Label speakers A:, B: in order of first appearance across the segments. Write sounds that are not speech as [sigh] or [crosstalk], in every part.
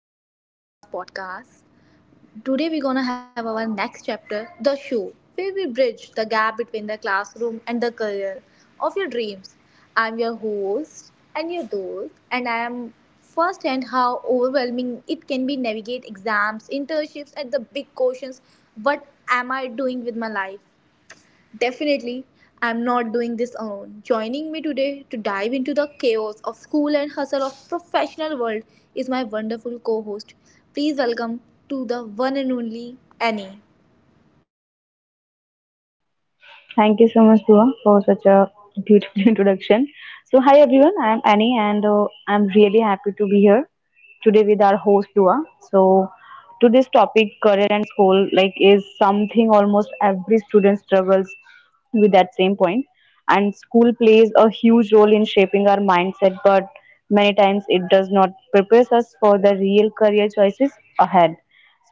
A: Welcome to Diva's podcast. Today we're gonna have our next chapter, the show, where we bridge the gap between the classroom and the career of your dreams. I'm your host, and I am firsthand how overwhelming it can be navigate exams, internships, and the big questions. What am I doing with my life? Definitely, I'm not doing this alone. Joining me today to dive into the chaos of school and hustle of professional world is my wonderful co-host. Please welcome to the one and only Annie.
B: Thank you so much, Dhruva, for such a beautiful [laughs] introduction. So, hi everyone, I am Annie, and I'm really happy to be here today with our host Dua. So, today's topic, career and school, like, is something almost every student struggles with that same point. And school plays a huge role in shaping our mindset, but many times it does not prepares us for the real career choices ahead.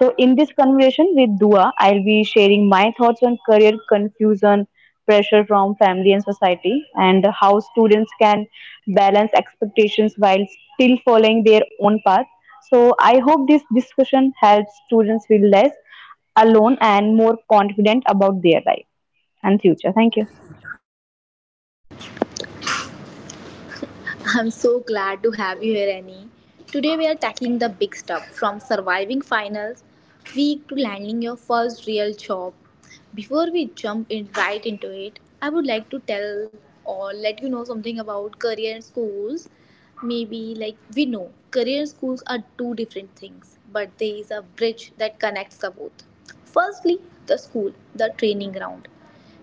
B: So, in this conversation with Dua, I'll be sharing my thoughts on career confusion, pressure from family and society, and how students can balance expectations while still following their own path. So, I hope this discussion helps students feel less alone and more confident about their life and future. Thank you.
A: I'm so glad to have you here, Annie. Today we are tackling the big stuff from surviving finals week to landing your first real job. Before we jump in right into it, I would like to tell or let you know something about career and schools. Maybe like we know career and schools are two different things, but there is a bridge that connects the both. Firstly, the school, the training ground.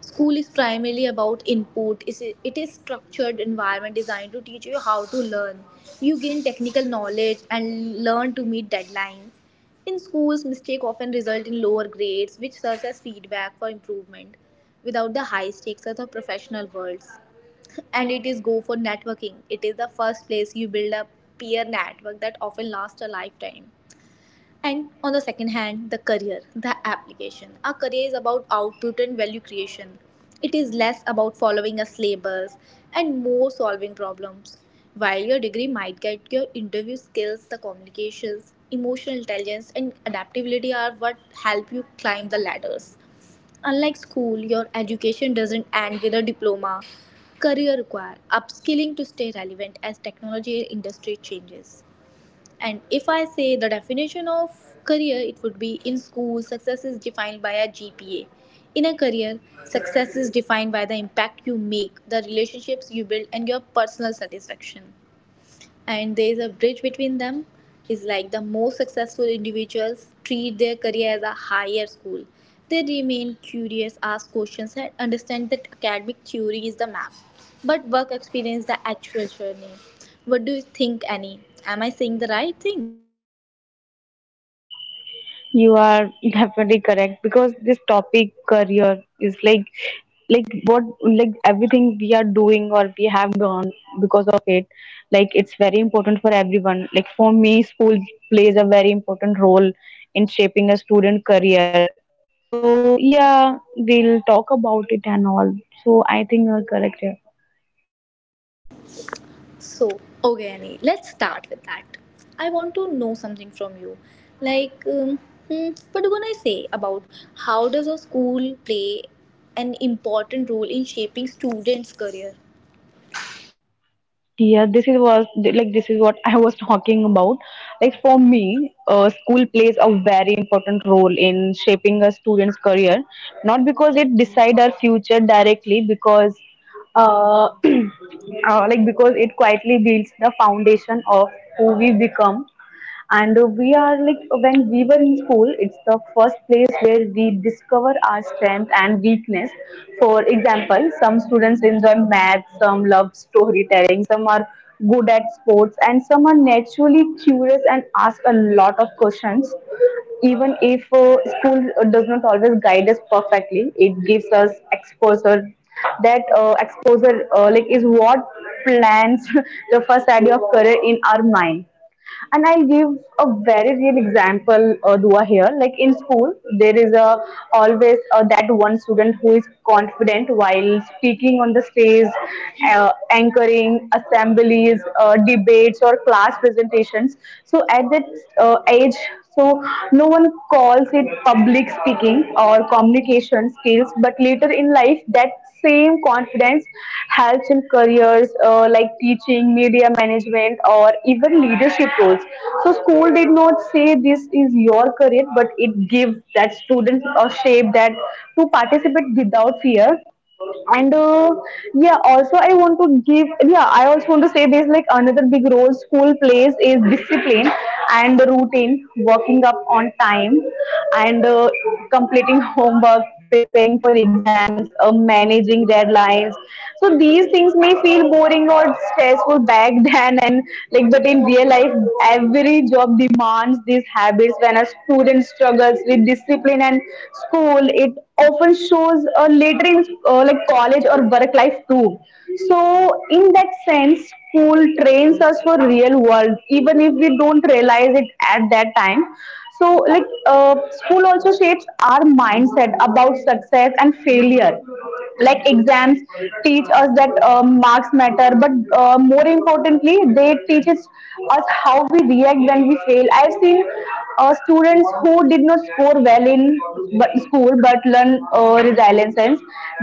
A: School is primarily about input. It is structured environment designed to teach you how to learn. You gain technical knowledge and learn to meet deadlines. In schools, mistakes often result in lower grades, which serves as feedback for improvement. Without the high stakes of the professional worlds, and it is go for networking. It is the first place you build a peer network that often lasts a lifetime. And on the second hand, the career, the application. Our career is about output and value creation. It is less about following a syllabus and more solving problems. While your degree might get your interview skills, the communications, emotional intelligence, and adaptability are what help you climb the ladders. Unlike school, your education doesn't end with a diploma. Career requires upskilling to stay relevant as technology industry changes. And if I say the definition of career, it would be in school, success is defined by a GPA. In a career, success is defined by the impact you make, the relationships you build, and your personal satisfaction. And there is a bridge between them, is like the most successful individuals treat their career as a higher school. They remain curious, ask questions, and understand that academic theory is the map, but work experience the actual journey. What do you think, Annie? Am I saying the right thing?
B: You are definitely correct because this topic career is like what like everything we are doing or we have done because of it, like it's very important for everyone. Like for me, school plays a very important role in shaping a student career. So yeah, we'll talk about it and all. So I think you're correct.
A: So, okay, Annie, let's start with that. I want to know something from you. Like, um, what are you gonna say about how does a school play an important role in shaping students' career?
B: This is what [laughs] I was talking about. Like for me, school plays a very important role in shaping a student's career. Not because it decide our future directly, because [clears throat] because it quietly builds the foundation of who we become. And we are like, when we were in school, it's the first place where we discover our strength and weakness. For example, some students enjoy math, some love storytelling, some are good at sports, and some are naturally curious and ask a lot of questions. Even if school does not always guide us perfectly, it gives us exposure. That exposure like is what plans [laughs] the first idea of career in our mind. And I'll give a very real example, Dua here. Like in school, there is a always that one student who is confident while speaking on the stage, anchoring assemblies, debates, or class presentations. So at that age, so no one calls it public speaking or communication skills, but later in life, that same confidence helps in careers like teaching, media management, or even leadership roles. So school did not say this is your career, but it gives that students a shape that to participate without fear. And yeah also I want to give yeah I also want to say this, like another big role school plays is discipline and the routine, working up on time, and completing homework, preparing for exams, managing deadlines. So these things may feel boring or stressful back [laughs] then, and like but in real life every job demands these habits. When a student struggles with discipline and school, it often shows later in like college or work life too. So, in that sense, school trains us for real world, even if we don't realize it at that time. So, like, school also shapes our mindset about success and failure. Like, exams teach us that marks matter, but more importantly, they teach us how we react when we fail. I've seen helping students who did not score well in school but learn resilience.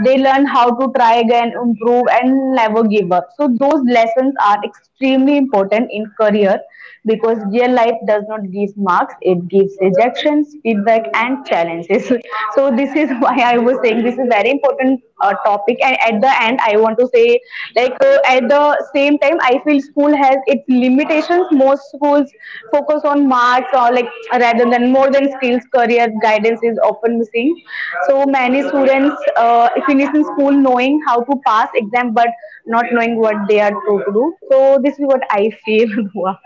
B: They learn how to try again, improve, and never give up. So those lessons are extremely important in career because real life does not give marks; it gives rejections, feedback, and challenges. [laughs] So this is why I was saying this is very important topic. And at the end I want to say, like, at the same time I feel school has its limitations. Most schools focus on marks or like rather than more than skills. Career guidance is often missing, so many students finish in school knowing how to pass exam but not knowing what they are to do. So this is what I feel, [laughs] Dua.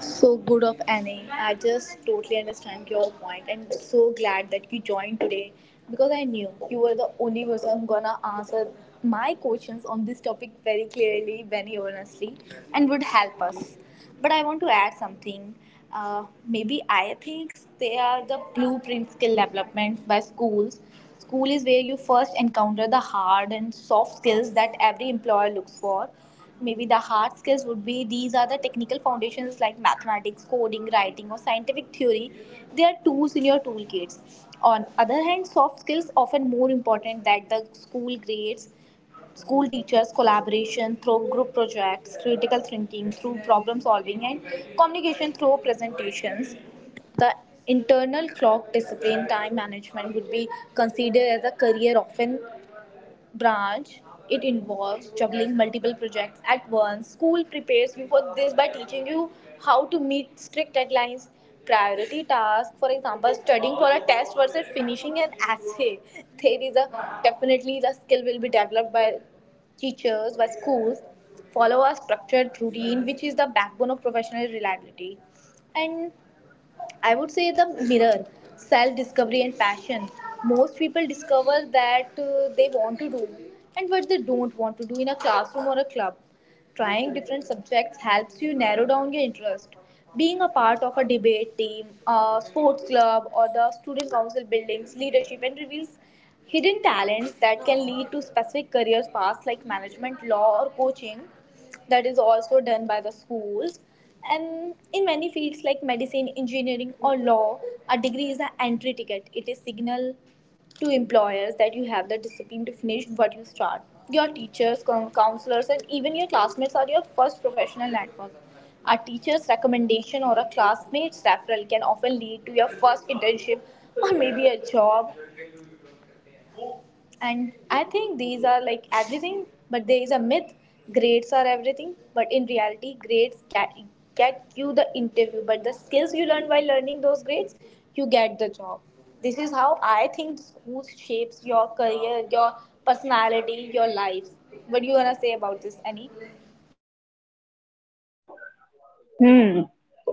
A: So good of Annie. I just totally understand your point and so glad that you joined today because I knew you were the only person who gonna answer my questions on this topic very clearly, very honestly, and would help us. But I want to add something. Maybe I think they are the blueprint skill developments by schools. School is where you first encounter the hard and soft skills that every employer looks for. Maybe the hard skills would be these are the technical foundations like mathematics, coding, writing, or scientific theory. They are tools in your toolkits. On other hand, soft skills often more important that the school grades. School teachers collaboration through group projects, critical thinking through problem solving, and communication through presentations. The internal clock discipline time management would be considered as a career often branch, it involves juggling multiple projects at once. School prepares you for this by teaching you how to meet strict deadlines, priority tasks, for example, studying for a test versus finishing an essay. [laughs] There is a definitely the skill will be developed by teachers, by schools. Follow a structured routine, which is the backbone of professional reliability. And I would say the mirror, self discovery, and passion. Most people discover that they want to do and what they don't want to do in a classroom or a club. Trying different subjects helps you narrow down your interest. Being a part of a debate team, a sports club, or the student council buildings, leadership, and reveals hidden talents that can lead to specific career paths like management, law, or coaching. That is also done by the schools. And in many fields like medicine, engineering, or law, a degree is an entry ticket. It is signal to employers that you have the discipline to finish what you start. Your teachers, counselors, and even your classmates are your first professional network. A teacher's recommendation or a classmate's referral can often lead to your first internship or maybe a job. And I think these are like everything, but there is a myth. Grades are everything, but in reality get you the interview, but the skills you learn while learning those grades, you get the job. This is how I think school shapes your career, your personality, your lives. What do you want to say about this, Annie?
B: Hmm.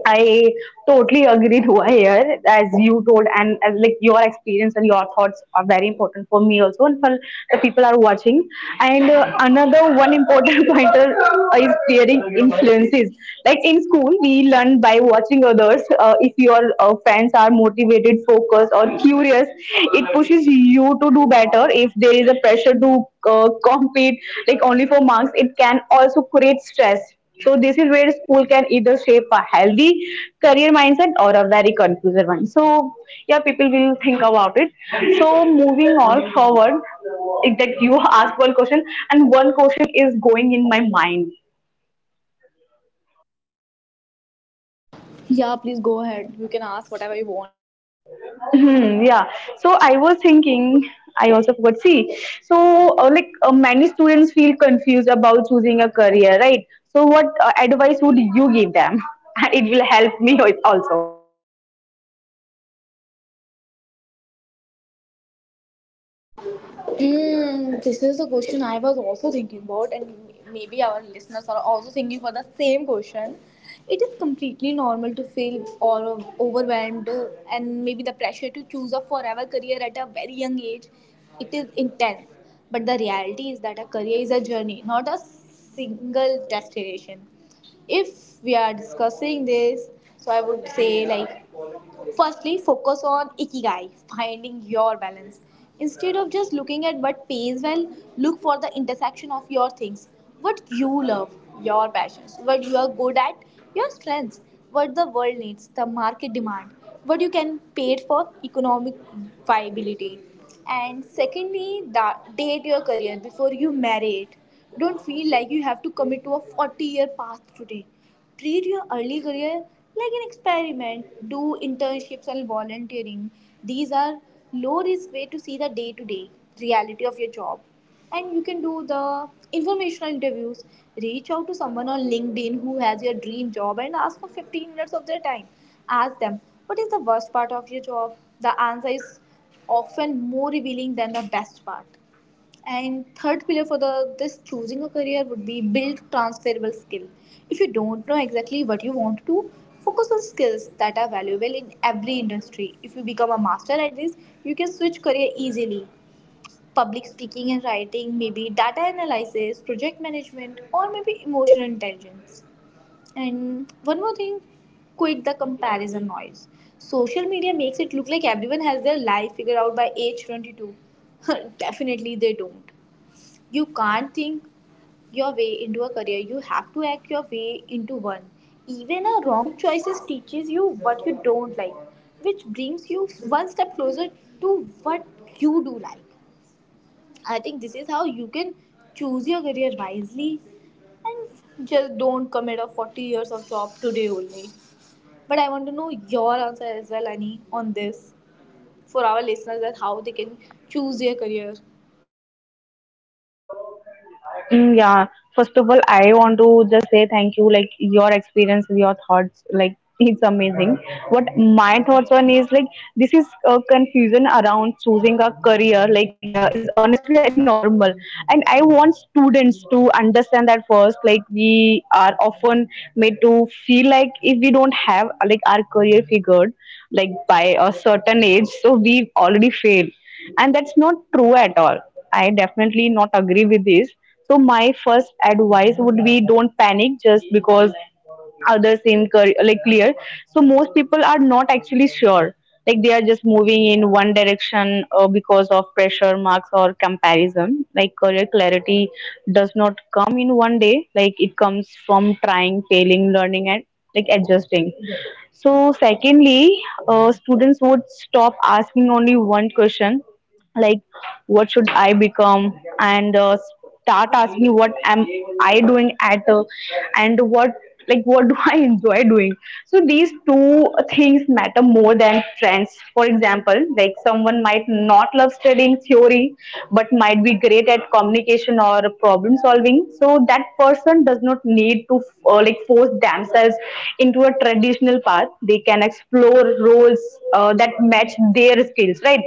B: I totally agree, Dhruva, here, [laughs] as you told, and as like your experience and your thoughts are very important for me also, and for the people are watching. And another one important [laughs] pointer is peering influences. Like in school, we learn by watching others. If your friends are motivated, focused, or curious, it pushes you to do better. If there is a pressure to compete, like only for marks, it can also create stress. So this is where school can either shape a healthy career mindset or a very confused one. So yeah, people will think about it. So moving on forward, if that you ask one question, and one question is going in my mind.
A: Yeah, please go ahead, you can ask whatever you want.
B: Hmm, yeah. So I was thinking. I also forgot. See, so many students feel confused about choosing a career, right? So what advice would you give them? [laughs] And it will help me al- also.
A: Mm, this is the question I was also thinking about, and maybe our listeners are also thinking for the same question. It is completely normal to feel all overwhelmed and maybe the pressure to choose a forever career at a very young age. It is intense, but the reality is that a career is a journey, not a single destination. If we are discussing this, so I would say like, firstly, focus on ikigai, finding your balance. Instead of just looking at what pays well, look for the intersection of your things. What you love, your passions, what you are good at, your strengths, what the world needs, the market demand, what you can pay it for, economic viability. And secondly, date your career before you marry it. Don't feel like you have to commit to a 40-year path today. Treat your early career like an experiment. Do internships and volunteering. These are low risk way to see the day to day reality of your job. And you can do the informational interviews. Reach out to someone on LinkedIn who has your dream job and ask for 15 minutes of their time. Ask them, what is the worst part of your job? The answer is often more revealing than the best part. And third pillar for the this choosing a career would be build transferable skill. If you don't know exactly what you want to do, focus on skills that are valuable in every industry. If you become a master at this, you can switch career easily. Public speaking and writing, maybe data analysis, project management, or maybe emotional intelligence. And one more thing, quit the comparison noise. Social media makes it look like everyone has their life figured out by age 22. [laughs] Definitely they don't. You can't think your way into a career, you have to act your way into one. Even a wrong choices teaches you what you don't like, which brings you one step closer to what you do like. I think this is how you can choose your career wisely and just don't commit a 40 years of job today only. But I want to know your answer as well, Annie, on this for our listeners that how they can choose their career.
B: Mm, yeah. First of all, I want to just say thank you. Like your experience, your thoughts, like [laughs] it's amazing. What my thoughts on is like this is confusion around choosing a career. Like is honestly very normal, and I want students to understand that first. Like we are often made to feel like if we don't have like our career figured, like by a certain age, so we already failed, and that's not true at all. I definitely not agree with this. So my first advice would be don't panic just because others seem clear. So most people are not actually sure. Like they are just moving in one direction because of pressure, marks, or comparison. Like career clarity does not come in one day. Like it comes from trying, failing, learning, and like adjusting. So secondly, students would stop asking only one question, like what should I become, and start asking what am I doing at and what do [laughs] I enjoy doing. So these two things matter more than trends. For example, like someone might not love studying theory but might be great at communication or problem solving, so that person does not need to like force themselves into a traditional path. They can explore roles that match their skills, right?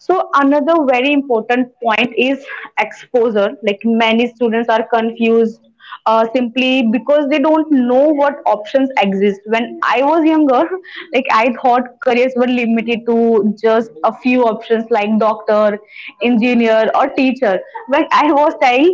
B: So another very important point is exposure. Like many students are confused simply because they don't know what options exist. When I was younger, [laughs] like I thought careers were limited to just a few options like doctor, engineer, or teacher. When I was child,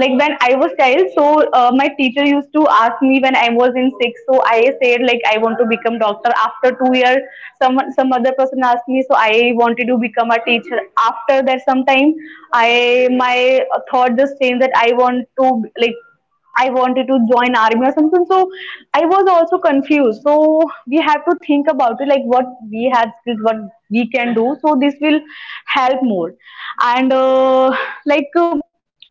B: like when I was child, so my teacher used to ask me when I was in sixth. So I said like I want to become doctor. After 2 years, some other person asked me, so I wanted to become a teacher. After that, sometime I my thought just changed that I want to like I wanted to join army or something. So I was also confused. So we have to think about it, like what we have skills, what we can do. So this will help more, and like. Uh,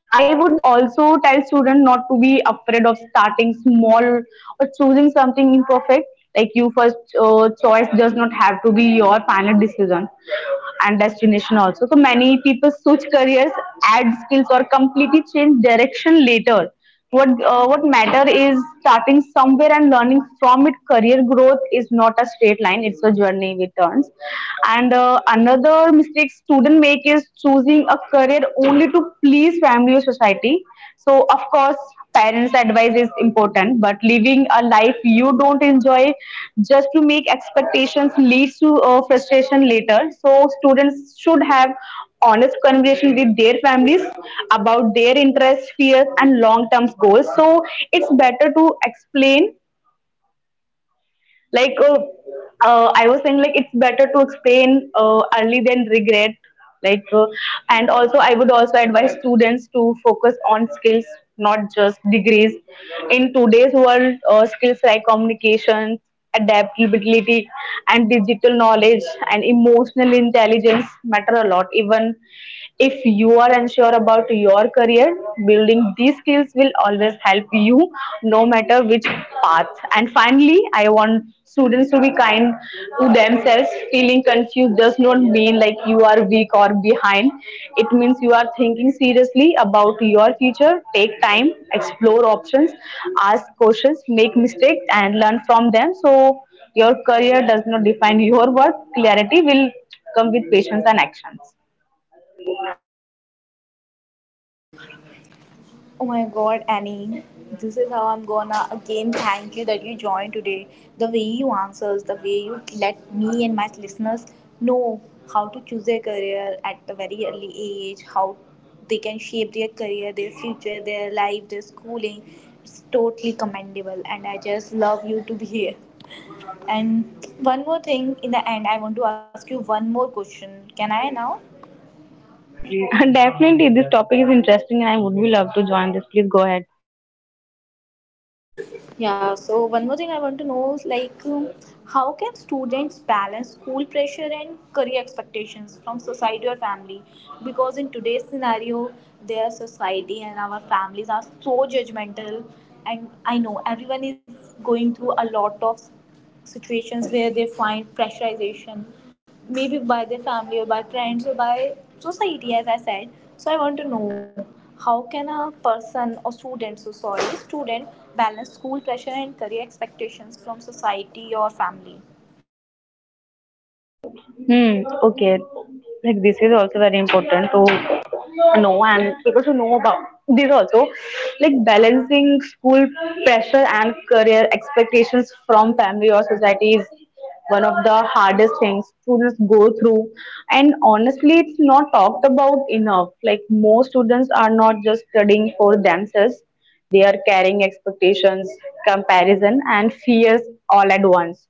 B: I would also tell students not to be afraid of starting small or choosing something imperfect. Like you first choice does not have to be your final decision and destination also. So many people switch careers, add skills, or completely change direction later. What what matter is starting somewhere and learning from it. Career growth is not a straight line, it's a journey with turns. And another mistake student make is choosing a career only to please family or society. So of course, parents advice is important, but living a life you don't enjoy just to make expectations leads to frustration later. So students should have honest conversation with their families about their interests, fears, and long-term goals. So it's better to explain, like I was saying, like it's better to explain early than regret. Like, uh, and also I would also advise students to focus on skills, not just degrees. In today's world, skills like communication, adaptability, and digital knowledge and emotional intelligence matter a lot. Even if you are unsure about your career, building these skills will always help you no matter which path. And finally, I want students to be kind to themselves. Feeling confused does not mean like you are weak or behind. It means you are thinking seriously about your future. Take time, explore options, ask questions, make mistakes, and learn from them. So your career does not define your worth. Clarity will come with patience and actions.
A: Oh my god, Annie, this is how I'm gonna again thank you that you joined today. The way you answers, the way you let me and my listeners know how to choose their career at a very early age, how they can shape their career, their future, their life, their schooling. It's totally commendable, and I just love you to be here. And one more thing in the end, I want to ask you one more question. Can I now?
B: [laughs] Definitely, this topic is interesting and I would be love to join this. Please go ahead.
A: Yeah, so one more thing I want to know is like how can students balance school pressure and career expectations from society or family? Because in today's scenario, their society and our families are so judgmental and I know everyone is going through a lot of situations where they find pressurization, maybe by their family or by friends or by society, as I said. So I want to know how can a person or student, so sorry, student balance school pressure and career expectations from society or family?
B: Hmm. Okay. Like this is also very important to know and people should know about this also. Like balancing school pressure and career expectations from family or society is one of the hardest things students go through. And honestly, it's not talked about enough. Like most students are not just studying for themselves. They are carrying expectations, comparison, and fears all at once.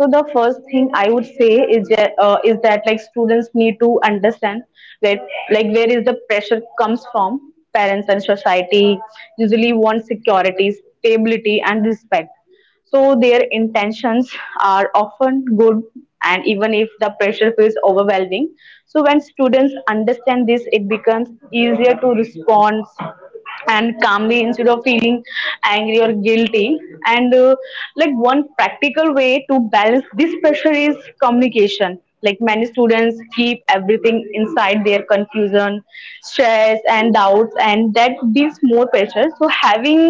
B: So the first thing I would say is that, like students need to understand where like where is the pressure comes from. Parents and society usually want security, stability, and respect. So their intentions are often good, and even if the pressure feels overwhelming, so when students understand this, it becomes easier to respond and calmly instead of feeling angry or guilty. And like one practical way to balance this pressure is communication. Like many students keep everything inside, their confusion, stress, and doubts, and that builds more pressure. So having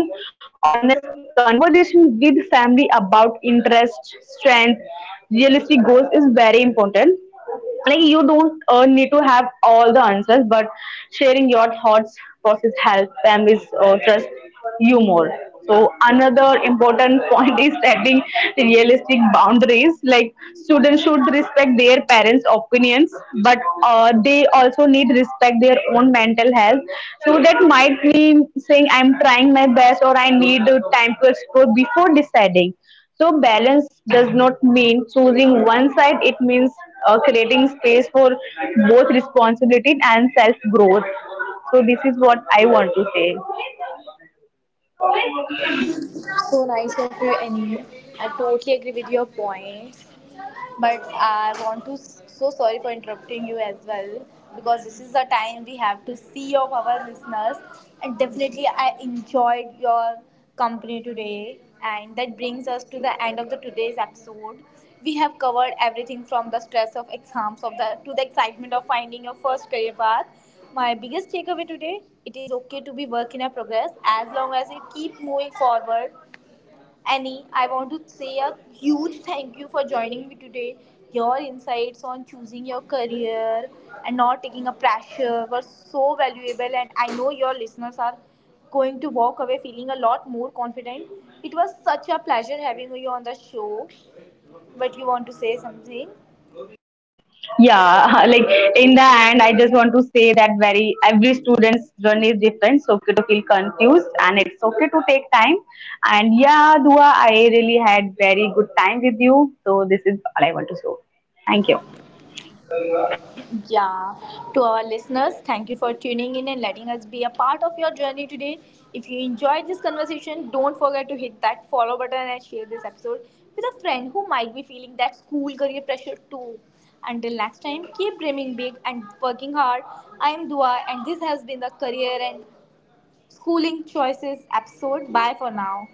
B: honest conversation with family about interest, strength, realistic goals is very important. Like you don't need to have all the answers, but sharing your thoughts process help families trust you more. So another important [laughs] point is setting realistic boundaries. Like students should respect their parents opinions, but they also need respect their own mental health. So that might mean saying I'm trying my best or I need time to explore before deciding. So balance does not mean choosing one side. It means creating space for both responsibility and self growth. So this is what I want to say.
A: So nice of you, Annie. I totally agree with your point. But I want to, so sorry for interrupting you as well, because this is the time we have to see of our listeners. And definitely, I enjoyed your company today. And that brings us to the end of the today's episode. We have covered everything from the stress of exams of the to the excitement of finding your first career path. My biggest takeaway today: it is okay to be work in a progress as long as you keep moving forward. Annie, I want to say a huge thank you for joining me today. Your insights on choosing your career and not taking a pressure were so valuable, and I know your listeners are going to walk away feeling a lot more confident. It was such a pleasure having you on the show. But you want to say something?
B: Yeah, [laughs] like in the end, I just want to say that very every student's journey is different. So okay to feel confused, and it's okay to take time. And yeah, Dua, I really had very good time with you. So this is all I want to say. Thank you.
A: Yeah, to our listeners, thank you for tuning in and letting us be a part of your journey today. If you enjoyed this conversation, don't forget to hit that follow button and share this episode with a friend who might be feeling that school career pressure too. Until next time, keep dreaming big and working hard. I am Dua, and this has been the Career and Schooling Choices episode. Bye for now.